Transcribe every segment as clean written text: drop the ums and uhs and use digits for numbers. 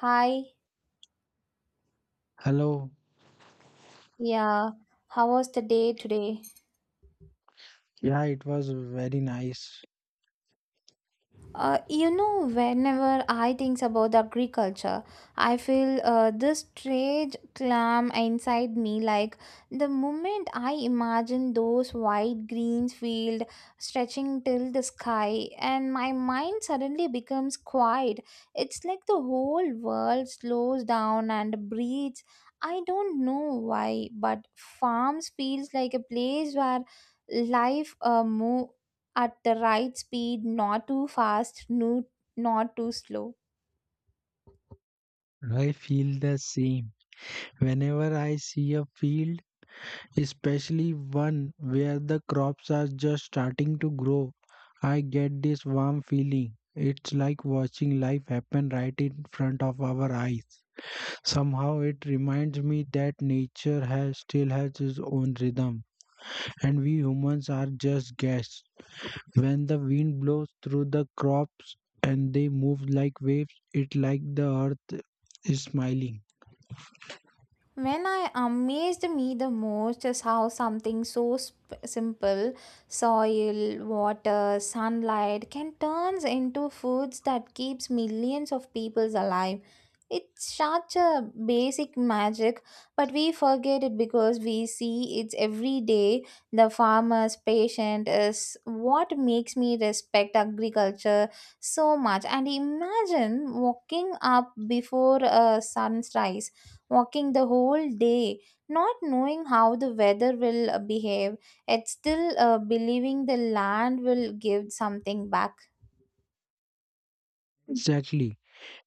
Hi, Hello. yeah. How was the day today? Yeah, it was very nice. Whenever I think about agriculture, I feel this strange clam inside me. Like the moment I imagine those wide green field stretching till the sky, and my mind suddenly becomes quiet. It's like the whole world slows down and breathes. I don't know why, but farms feels like a place where life move at the right speed, not too fast, no, not too slow. I feel the same. Whenever I see a field, especially one where the crops are just starting to grow, I get this warm feeling. It's like watching life happen right in front of our eyes. Somehow it reminds me that nature has still has its own rhythm and we humans are just guests. When the wind blows through the crops and they move like waves, it like the earth is smiling. When I amazed me the most is how something so simple, soil, water, sunlight, can turns into foods that keeps millions of peoples alive. It's such a basic magic, but we forget it because we see it's every day. The farmer's patient is what makes me respect agriculture so much. And imagine walking up before a sunrise walking the whole day, not knowing how the weather will behave, yet still believing the land will give something back. Exactly.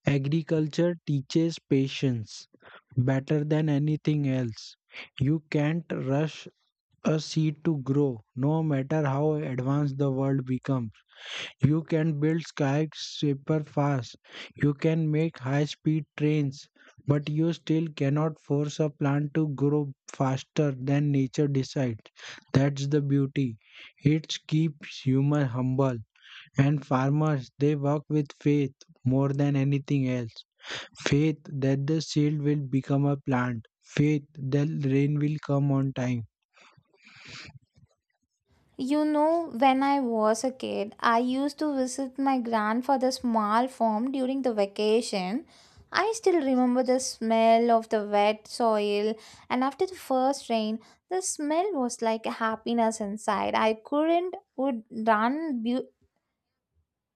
Agriculture teaches patience better than anything else. You can't rush a seed to grow, no matter how advanced the world becomes. You can build skyscraper fast. You can make high-speed trains, but you still cannot force a plant to grow faster than nature decides. That's the beauty. It keeps humans humble. And farmers, they work with faith more than anything else. Faith that the seed will become a plant. Faith that rain will come on time. You know, when I was a kid, I used to visit my grandfather's small farm during the vacation. I still remember the smell of the wet soil, and after the first rain, the smell was like a happiness inside. I couldn't would run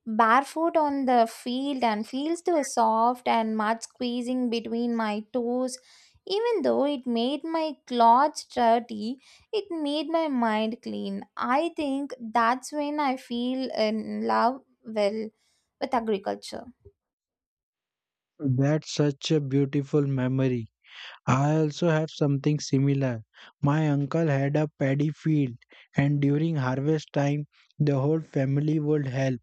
barefoot on the field and feels so soft and mud squeezing between my toes. Even though it made my clothes dirty, it made my mind clean. I think that's when I feel in love well with agriculture. That's such a beautiful memory. I also have something similar. My uncle had a paddy field, and during harvest time, the whole family would help.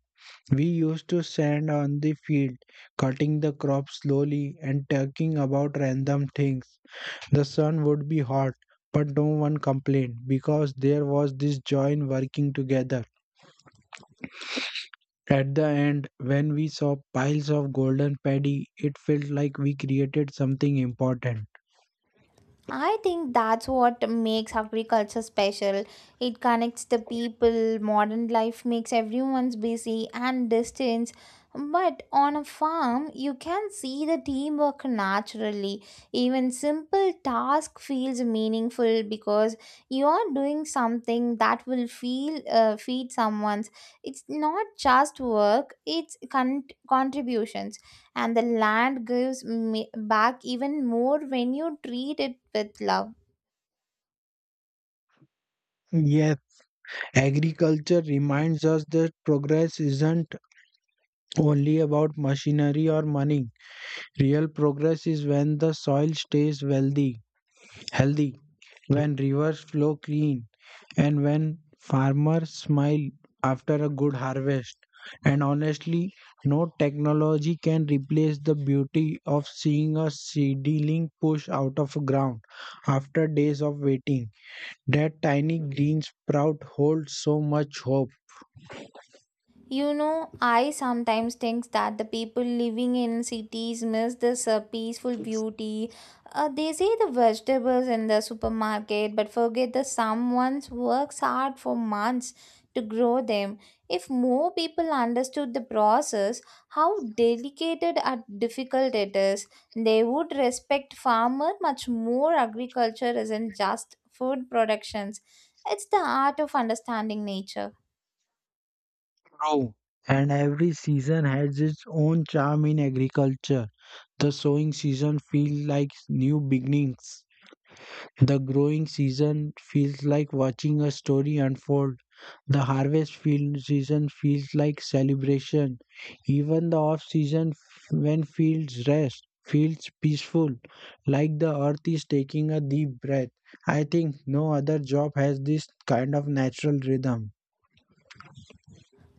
We used to stand on the field, cutting the crop slowly and talking about random things. The sun would be hot, but no one complained because there was this joy in working together. At the end, when we saw piles of golden paddy, it felt like we created something important. I think that's what makes agriculture special. It connects the people, modern life makes everyone's busy and distant. But on a farm, you can see the teamwork naturally. Even simple task feels meaningful because you are doing something that will feel feed someone's. It's not just work; it's contributions and the land gives me back even more when you treat it with love. Yes. Agriculture reminds us that progress isn't only about machinery or money. Real progress is when the soil stays wealthy, healthy, when rivers flow clean, and when farmers smile after a good harvest. And honestly, no technology can replace the beauty of seeing a seedling push out of ground after days of waiting. That tiny green sprout holds so much hope. You know, I sometimes think that the people living in cities miss this peaceful beauty. They see the vegetables in the supermarket but forget that someone works hard for months to grow them. If more people understood the process, how delicate and difficult it is, they would respect farmer much more. Agriculture isn't just food productions. It's the art of understanding nature. True. And every season has its own charm in agriculture. The sowing season feels like new beginnings. The growing season feels like watching a story unfold. The harvest field season feels like celebration. Even the off season when fields rest feels peaceful, like the earth is taking a deep breath. I think no other job has this kind of natural rhythm.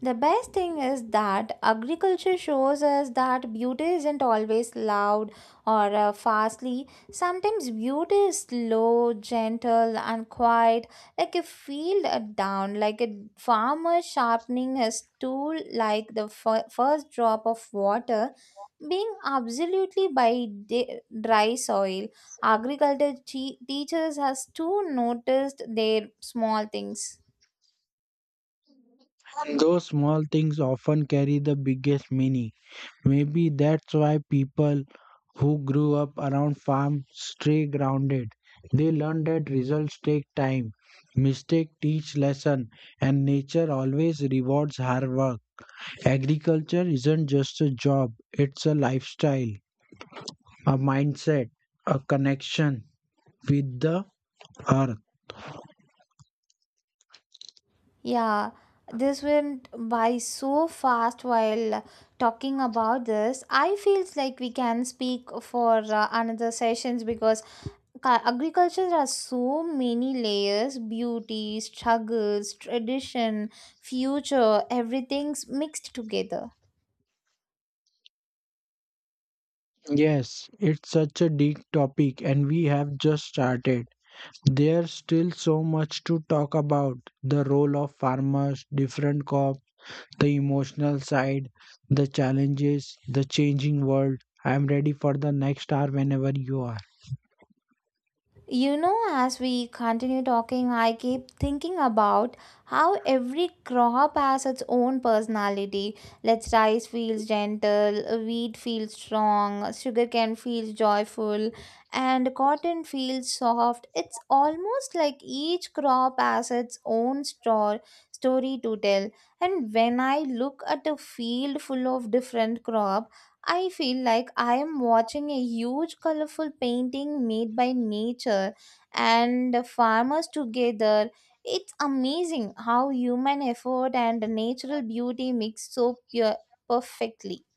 The best thing is that agriculture shows us that beauty isn't always loud or fastly. Sometimes beauty is slow, gentle, and quiet, like a field down, like a farmer sharpening his tool, like the first drop of water being absolutely by dry soil. Agriculture teaches us to notice their small things. Those small things often carry the biggest meaning. Maybe that's why people who grew up around farms stay grounded. They learn that results take time, mistakes teach lesson, and nature always rewards hard work. Agriculture isn't just a job, it's a lifestyle, a mindset, a connection with the earth. Yeah, this went by so fast while talking about this. I feels like we can speak for another sessions because agriculture has so many layers, beauty, struggles, tradition, future, everything's mixed together. Yes, it's such a deep topic and we have just started. There's still so much to talk about the role of farmers, different crops, the emotional side, the challenges, the changing world. I'm ready for the next hour whenever you are. You know, as we continue talking, I keep thinking about how every crop has its own personality. Let's rice feels gentle, wheat feels strong, sugarcane feels joyful, and cotton feels soft. It's almost like each crop has its own story to tell. And when I look at a field full of different crops, I feel like I am watching a huge colorful painting made by nature and the farmers together. It's amazing how human effort and natural beauty mix so pure perfectly.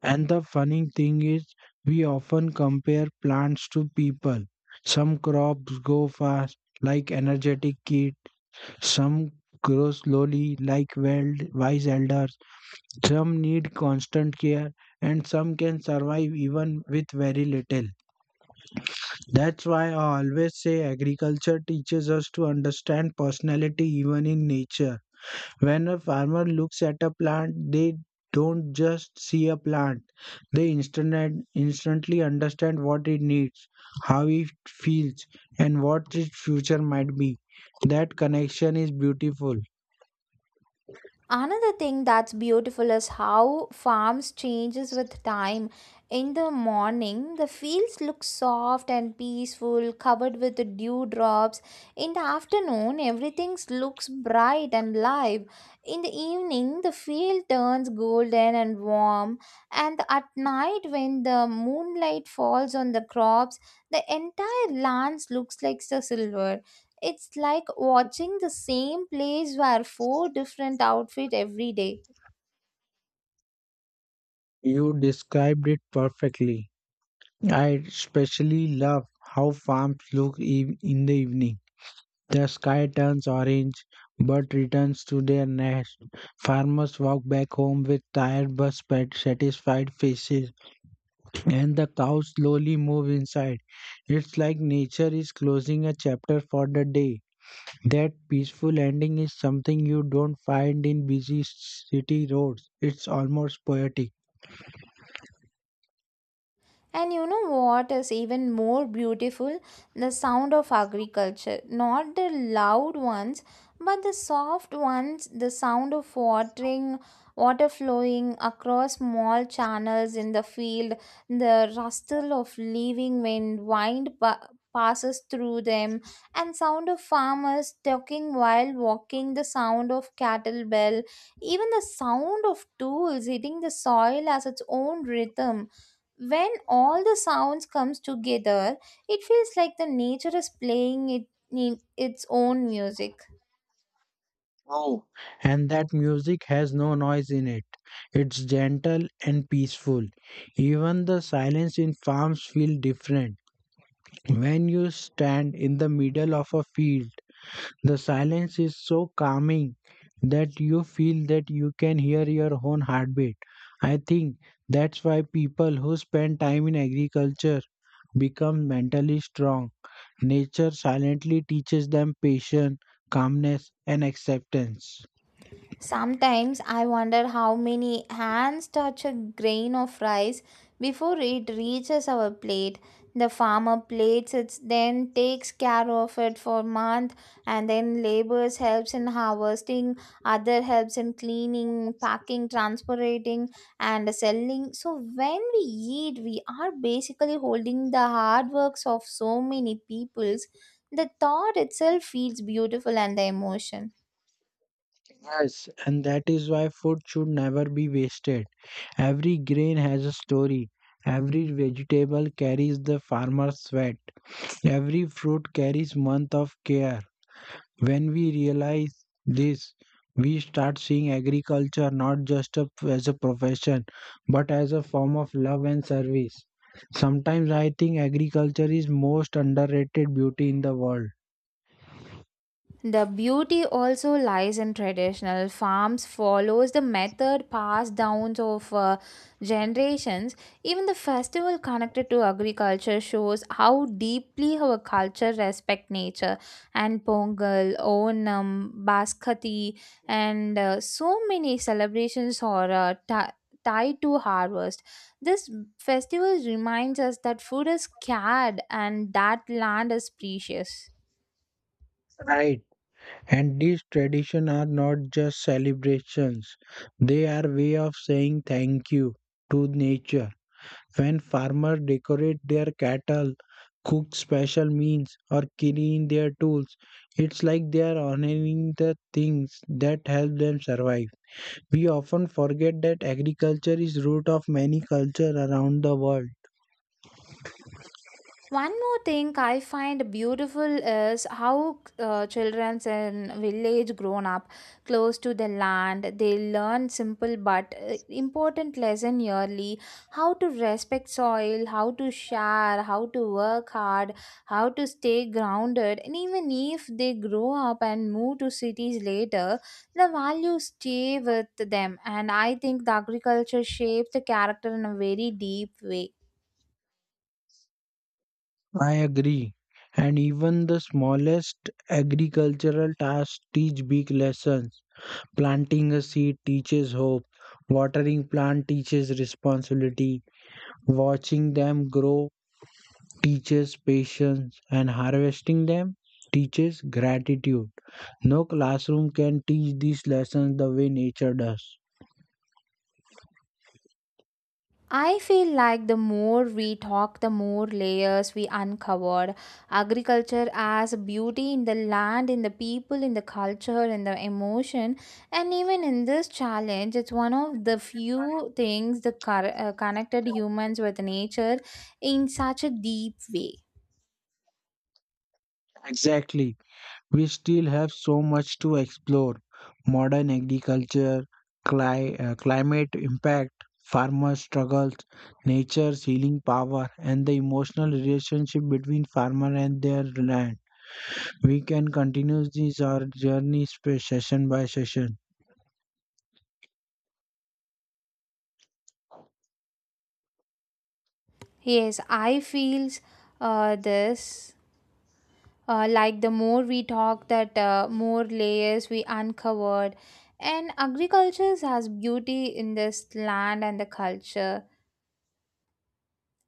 And the funny thing is, we often compare plants to people. Some crops grow fast, like energetic kid. Some grow slowly, like wild, wise elder. Some need constant care and some can survive even with very little. That's why I always say agriculture teaches us to understand personality even in nature. When a farmer looks at a plant, they don't just see a plant. They instantly understand what it needs, how it feels, and what its future might be. That connection is beautiful. Another thing that's beautiful is how farms changes with time, in the morning the fields look soft and peaceful covered with dewdrops, in the afternoon everything looks bright and live, in the evening the field turns golden and warm, and at night when the moonlight falls on the crops the entire land looks like the silver. It's like watching the same place wear four different outfits every day. You described it perfectly. I especially love how farms look in the evening. The sky turns orange, birds returns to their nest. Farmers walk back home with tired but satisfied faces, and the cows slowly move inside. It's like nature is closing a chapter for the day. That peaceful ending is something you don't find in busy city roads. It's almost poetic. And you know what is even more beautiful? The sound of agriculture. Not the loud ones, but the soft ones, the sound of watering, water flowing across small channels in the field, the rustle of leaving when wind passes through them, and sound of farmers talking while walking, the sound of cattle bell, even the sound of tools hitting the soil has its own rhythm. When all the sounds comes together it feels like the nature is playing it in its own music. And that music has no noise in it. It's gentle and peaceful. Even the silence in farms feels different. When you stand in the middle of a field, the silence is so calming that you feel that you can hear your own heartbeat. I think that's why people who spend time in agriculture become mentally strong. Nature silently teaches them patience, calmness, and acceptance. Sometimes I wonder how many hands touch a grain of rice before it reaches our plate. The farmer plates it, then takes care of it for months, and then labors helps in harvesting, other helps in cleaning, packing, transporting, and selling. So when we eat, we are basically holding the hard works of so many peoples. The thought itself feels beautiful and the emotion. Yes, and that is why food should never be wasted. Every grain has a story. Every vegetable carries the farmer's sweat. Every fruit carries month of care. When we realize this, we start seeing agriculture not as a profession, but as a form of love and service. Sometimes I think agriculture is most underrated beauty in the world. The beauty also lies in traditional farms follows the method passed down of generations. Even the festival connected to agriculture shows how deeply our culture respect nature and Pongal, Onam, Baskati and so many celebrations are tied to harvest. This festival reminds us that food is scared and that land is precious. Right. And these traditions are not just celebrations, they are way of saying thank you to nature. When farmers decorate their cattle, cook special meals, or clean their tools, it's like they are honoring the things that help them survive. We often forget that agriculture is root of many cultures around the world. One more thing I find beautiful is how children in village grown up close to the land. They learn simple but important lesson yearly: how to respect soil, how to share, how to work hard, how to stay grounded. And even if they grow up and move to cities later, the values stay with them. And I think the agriculture shapes the character in a very deep way. I agree. And even the smallest agricultural tasks teach big lessons. Planting a seed teaches hope. Watering plant teaches responsibility. Watching them grow teaches patience and harvesting them teaches gratitude. No classroom can teach these lessons the way nature does. I feel like the more we talk, the more layers we uncovered. Agriculture as beauty in the land, in the people, in the culture, in the emotion. And even in this challenge, it's one of the few things that connected humans with nature in such a deep way. Exactly. We still have so much to explore. Modern agriculture, climate impact, farmer struggles, nature's healing power, and the emotional relationship between farmer and their land. We can continue this our journey session by session. Yes, I feel this. Like the more we talk that more layers we uncovered, and agriculture has beauty in this land and the culture.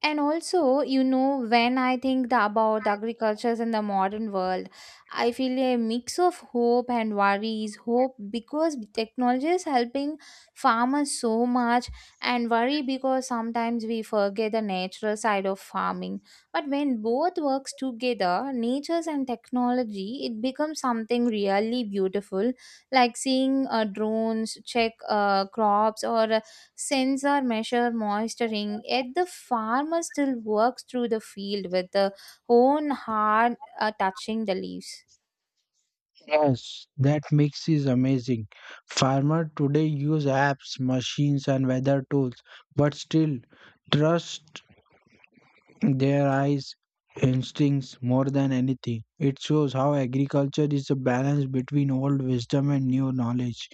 And also, you know, when I think about the agricultures in the modern world, I feel a mix of hope and worries, hope because technology is helping farmers so much, and worry because sometimes we forget the natural side of farming. But when both works together, natures and technology, it becomes something really beautiful, like seeing drones check crops, or sensor measure moisturing yet the farmer still works through the field with the own hand touching the leaves. Yes, that mix is amazing. Farmer today use apps, machines, and weather tools, but still trust their eyes, instincts more than anything. It shows how agriculture is a balance between old wisdom and new knowledge.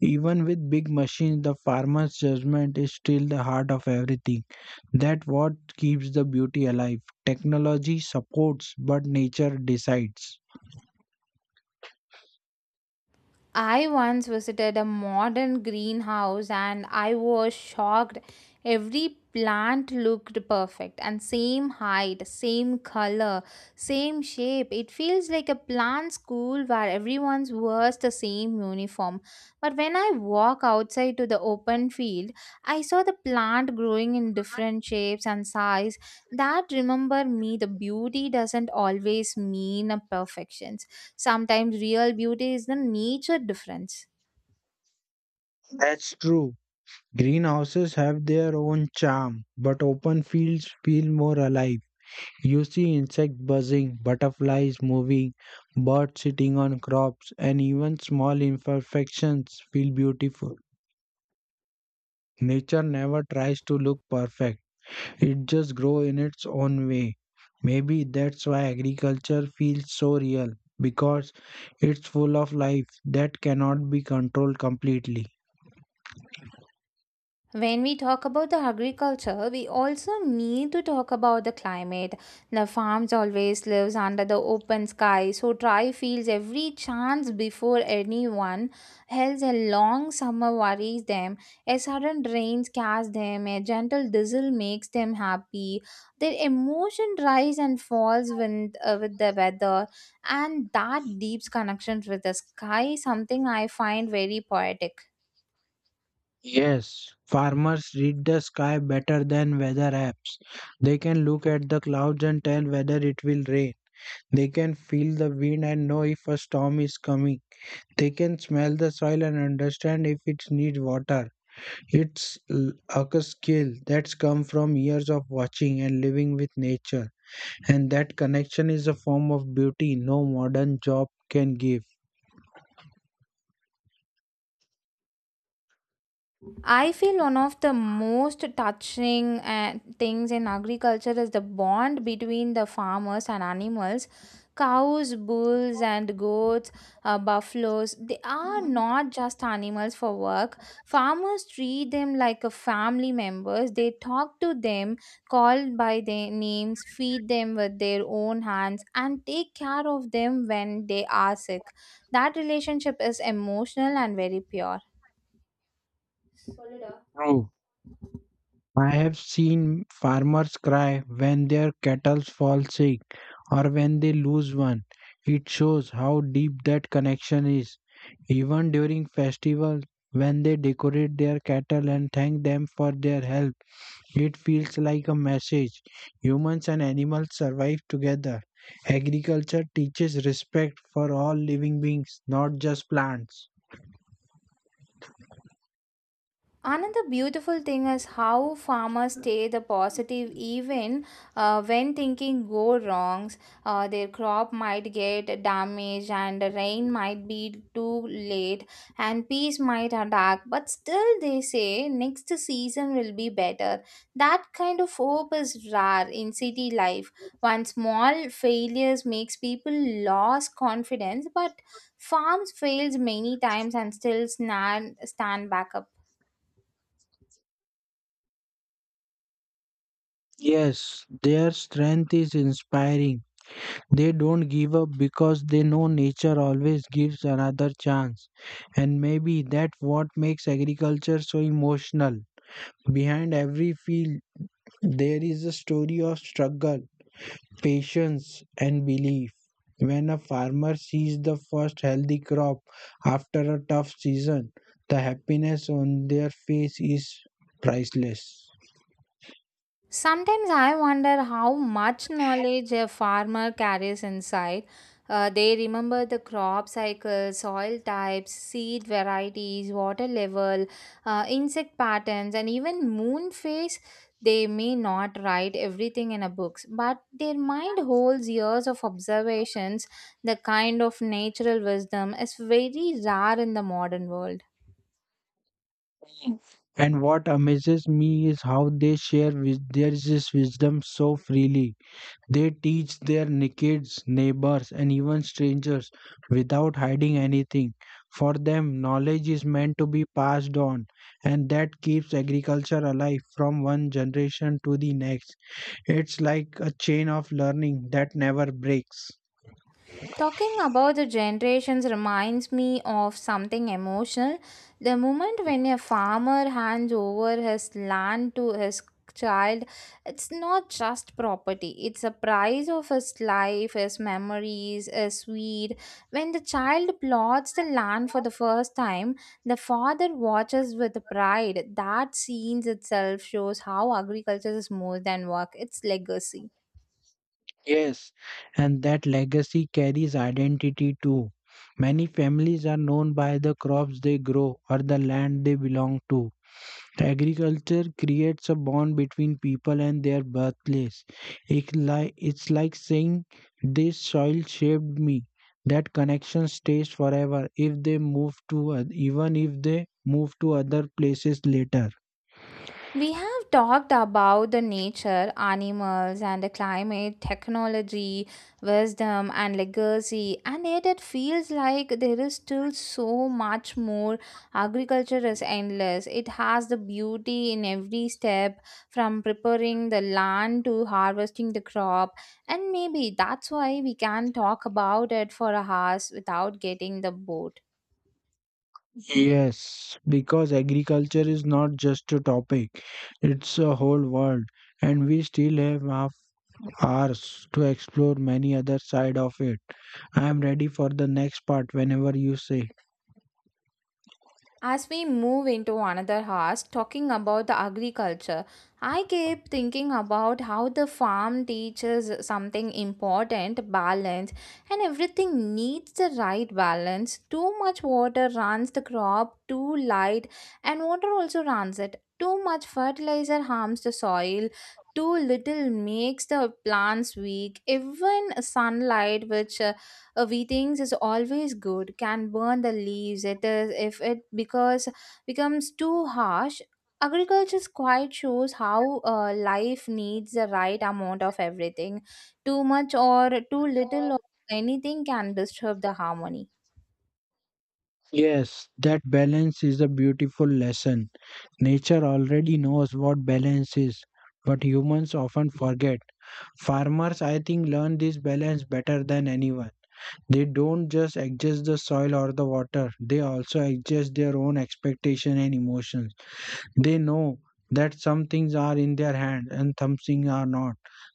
Even with big machines, the farmer's judgment is still the heart of everything. That what keeps the beauty alive. Technology supports, but nature decides. I once visited a modern greenhouse and I was shocked. Every plant looked perfect and same height, same color, same shape. It feels like a plant school where everyone wears the same uniform. But when I walk outside to the open field, I saw the plant growing in different shapes and size. That remember me the beauty doesn't always mean a perfection. Sometimes real beauty is the nature difference. That's true. Greenhouses have their own charm, but open fields feel more alive. You see insects buzzing, butterflies moving, birds sitting on crops, and even small imperfections feel beautiful. Nature never tries to look perfect. It just grows in its own way. Maybe that's why agriculture feels so real because it's full of life that cannot be controlled completely. When we talk about the agriculture, we also need to talk about the climate. The farms always lives under the open sky, so dry fields every chance before anyone else. A long summer worries them. A sudden rain scares them. A gentle drizzle makes them happy. Their emotion rise and falls with the weather, and that deep connection with the sky, something I find very poetic. Yes, farmers read the sky better than weather apps. They can look at the clouds and tell whether it will rain. They can feel the wind and know if a storm is coming. They can smell the soil and understand if it needs water. It's a skill that's come from years of watching and living with nature, and that connection is a form of beauty no modern job can give. I feel one of the most touching things in agriculture is the bond between the farmers and animals. Cows, bulls, and goats, buffaloes, they are not just animals for work. Farmers treat them like a family members. They talk to them, call by their names, feed them with their own hands, and take care of them when they are sick. That relationship is emotional and very pure. True. I have seen farmers cry when their cattle fall sick or when they lose one. It shows how deep that connection is. Even during festivals, when they decorate their cattle and thank them for their help, it feels like a message. Humans and animals survive together. Agriculture teaches respect for all living beings, not just plants. Another beautiful thing is how farmers stay the positive even when thinking go wrongs. Their crop might get damaged and the rain might be too late and peas might attack. But still they say next season will be better. That kind of hope is rare in city life. One small failures makes people lose confidence but farms fails many times and still stand back up. Yes, their strength is inspiring. They don't give up because they know nature always gives another chance. And maybe that's what makes agriculture so emotional. Behind every field, there is a story of struggle, patience, and belief. When a farmer sees the first healthy crop after a tough season, the happiness on their face is priceless. Sometimes I wonder how much knowledge a farmer carries inside. They remember the crop cycle, soil types, seed varieties, water level, insect patterns, and even moon phase. They may not write everything in a books, but their mind holds years of observations. The kind of natural wisdom is very rare in the modern world. And what amazes me is how they share with their this wisdom so freely. They teach their kids, neighbors, and even strangers without hiding anything. For them, knowledge is meant to be passed on, and that keeps agriculture alive from one generation to the next. It's like a chain of learning that never breaks. Talking about the generations reminds me of something emotional. The moment when a farmer hands over his land to his child, it's not just property, it's a price of his life, his memories, his seed. When the child plots the land for the first time, the father watches with pride. That scene itself shows how agriculture is more than work, it's legacy. Yes, and that legacy carries identity too. Many families are known by the crops they grow or the land they belong to. Agriculture creates a bond between people and their birthplace. It's like saying, "This soil shaped me." That connection stays forever if they move to, oth- even if they move to other places later. We have talked about the nature, animals, and the climate, technology, wisdom, and legacy, and yet it feels like there is still so much more. Agriculture is endless, it has the beauty in every step from preparing the land to harvesting the crop, and maybe that's why we can talk about it for hours without getting the bored. Yes, because agriculture is not just a topic, it's a whole world. And we still have half hours to explore many other side of it. I am ready for the next part whenever you say. As we move into another house talking about the agriculture, I keep thinking about how the farm teaches something important balance, and everything needs the right balance. Too much water runs the crop, too light, and water also runs it. Too much fertilizer harms the soil. Too little makes the plants weak. Even sunlight, which we think is always good can burn the leaves it is if it because becomes too harsh. Agriculture's quite shows how life needs the right amount of everything. Too much or too little of anything can disturb the harmony. Yes, that balance is a beautiful lesson. Nature already knows what balance is, but humans often forget. Farmers, I think, learn this balance better than anyone. They don't just adjust the soil or the water, they also adjust their own expectation and emotions. They know that some things are in their hand and some things are not.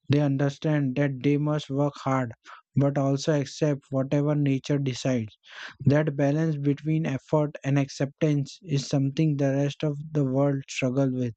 They understand that they must work hard, but also accept whatever nature decides. That balance between effort and acceptance is something the rest of the world struggle with.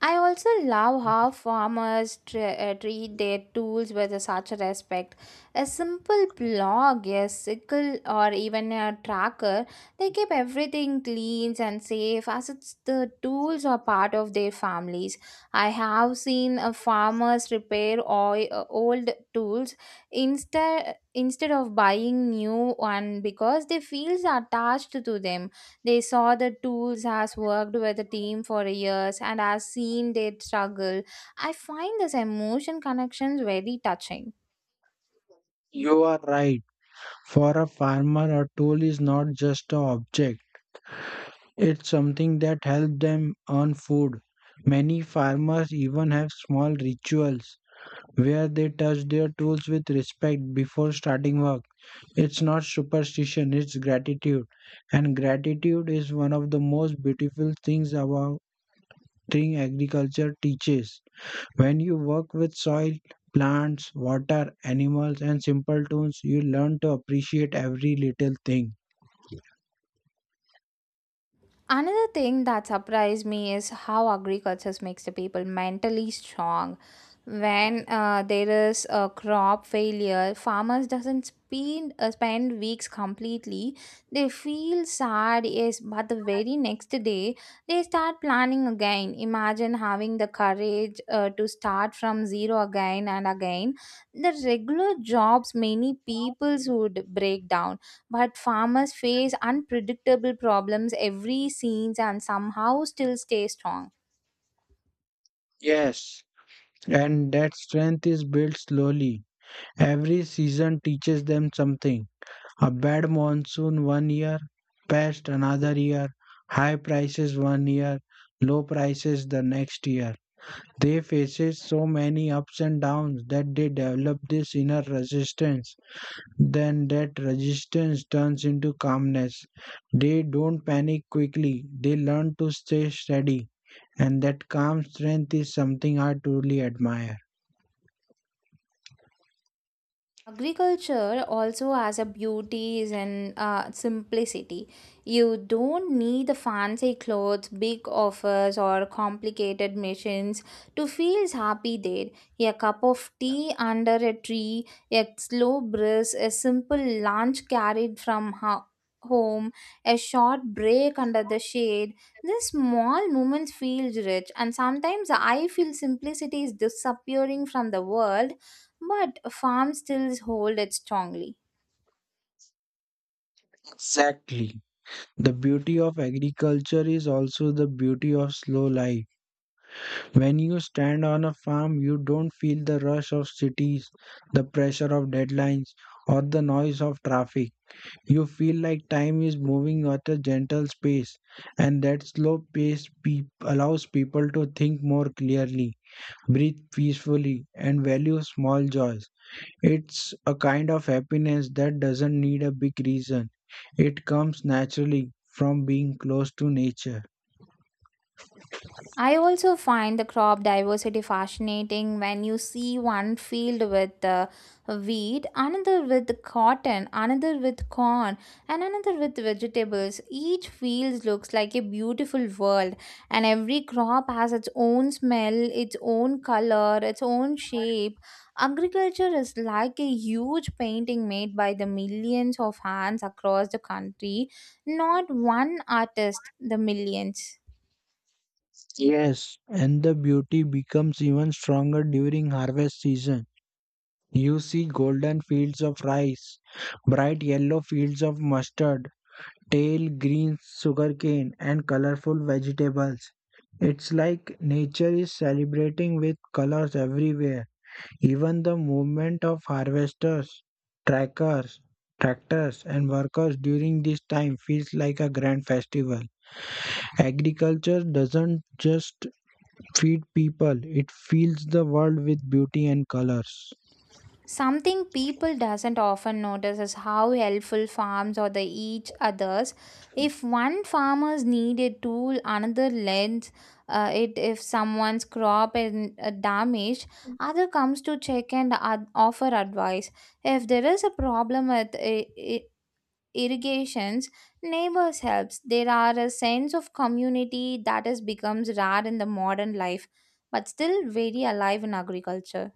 I also love how farmers treat their tools with a such a respect. A simple plow, a sickle, or even a tracker, they keep everything clean and safe as it's the tools are part of their families. I have seen farmers repair old tools instead of buying new one because they feel attached to them. They saw the tools has worked with the team for years and has seen their struggle. I find this emotion connections very touching. You are right. For a farmer, a tool is not just an object, it's something that helps them earn food. Many farmers even have small rituals where they touch their tools with respect before starting work. It's not superstition, it's gratitude. And gratitude is one of the most beautiful things about thing agriculture teaches. When you work with soil, plants, water, animals, and simple tools, you learn to appreciate every little thing. Another thing that surprised me is how agriculture makes the people mentally strong. When there is a crop failure, farmers doesn't spend weeks completely. They feel sad, yes, but the very next day they start planning again. Imagine having the courage to start from zero again and again. The regular jobs many peoples would break down, but farmers face unpredictable problems every season and somehow still stay strong. Yes, and that strength is built slowly. Every season teaches them something. A bad monsoon one year, pest another year, high prices one year, low prices the next year. They faces so many ups and downs that they develop this inner resistance. Then that resistance turns into calmness. They don't panic quickly, they learn to stay steady, and that calm strength is something I truly admire. Agriculture also has a beauties and simplicity. You don't need the fancy clothes, big offers, or complicated machines to feel happy there. A cup of tea under a tree, a slow breeze, a simple lunch carried from home, a short break under the shade. These small moments feel rich, and sometimes I feel simplicity is disappearing from the world, but farm still hold it strongly. Exactly. The beauty of agriculture is also the beauty of slow life. When you stand on a farm, you don't feel the rush of cities, the pressure of deadlines, or the noise of traffic. You feel like time is moving at a gentle pace, and that slow pace peop allows people to think more clearly, breathe peacefully, and value small joys. It's a kind of happiness that doesn't need a big reason. It comes naturally from being close to nature. I also find the crop diversity fascinating when you see one field with wheat, another with cotton, another with corn, and another with vegetables. Each field looks like a beautiful world, and every crop has its own smell, its own color, its own shape. Agriculture is like a huge painting made by the millions of hands across the country, not one artist, the millions. Yes, and the beauty becomes even stronger during harvest season. You see golden fields of rice, bright yellow fields of mustard, tall green sugarcane and colorful vegetables. It's like nature is celebrating with colors everywhere. Even the movement of harvesters, trackers, tractors and workers during this time feels like a grand festival. Agriculture doesn't just feed people, it fills the world with beauty and colors. Something people doesn't often notice is how helpful farms or the each others. If one farmer's need a tool, another lends it. If someone's crop is damaged, other comes to check and offer advice. If there is a problem with irrigations, neighbors helps. There are a sense of community that has becomes rare in the modern life, but still very alive in agriculture.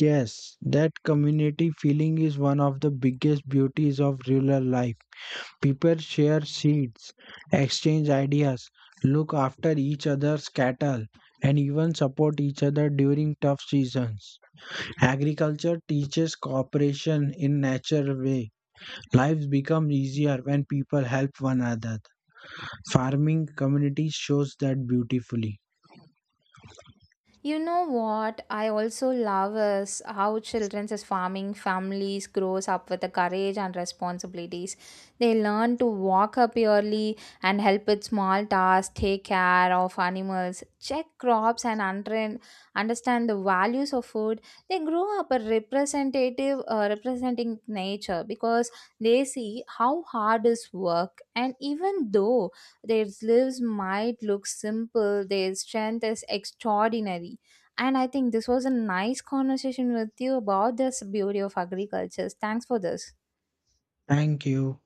Yes, that community feeling is one of the biggest beauties of rural life. People share seeds, exchange ideas, look after each other's cattle, and even support each other during tough seasons. Agriculture teaches cooperation in natural way. Lives become easier when people help one another. Farming communities shows that beautifully. You know what I also love is how children's is farming families grows up with the courage and responsibilities. They learn to walk up early and help with small tasks, take care of animals, check crops and understand the values of food. They grow up a representative representing nature because they see how hard is work and even though their lives might look simple, their strength is extraordinary. And I think this was a nice conversation with you about this beauty of agriculture. Thanks for this. Thank you.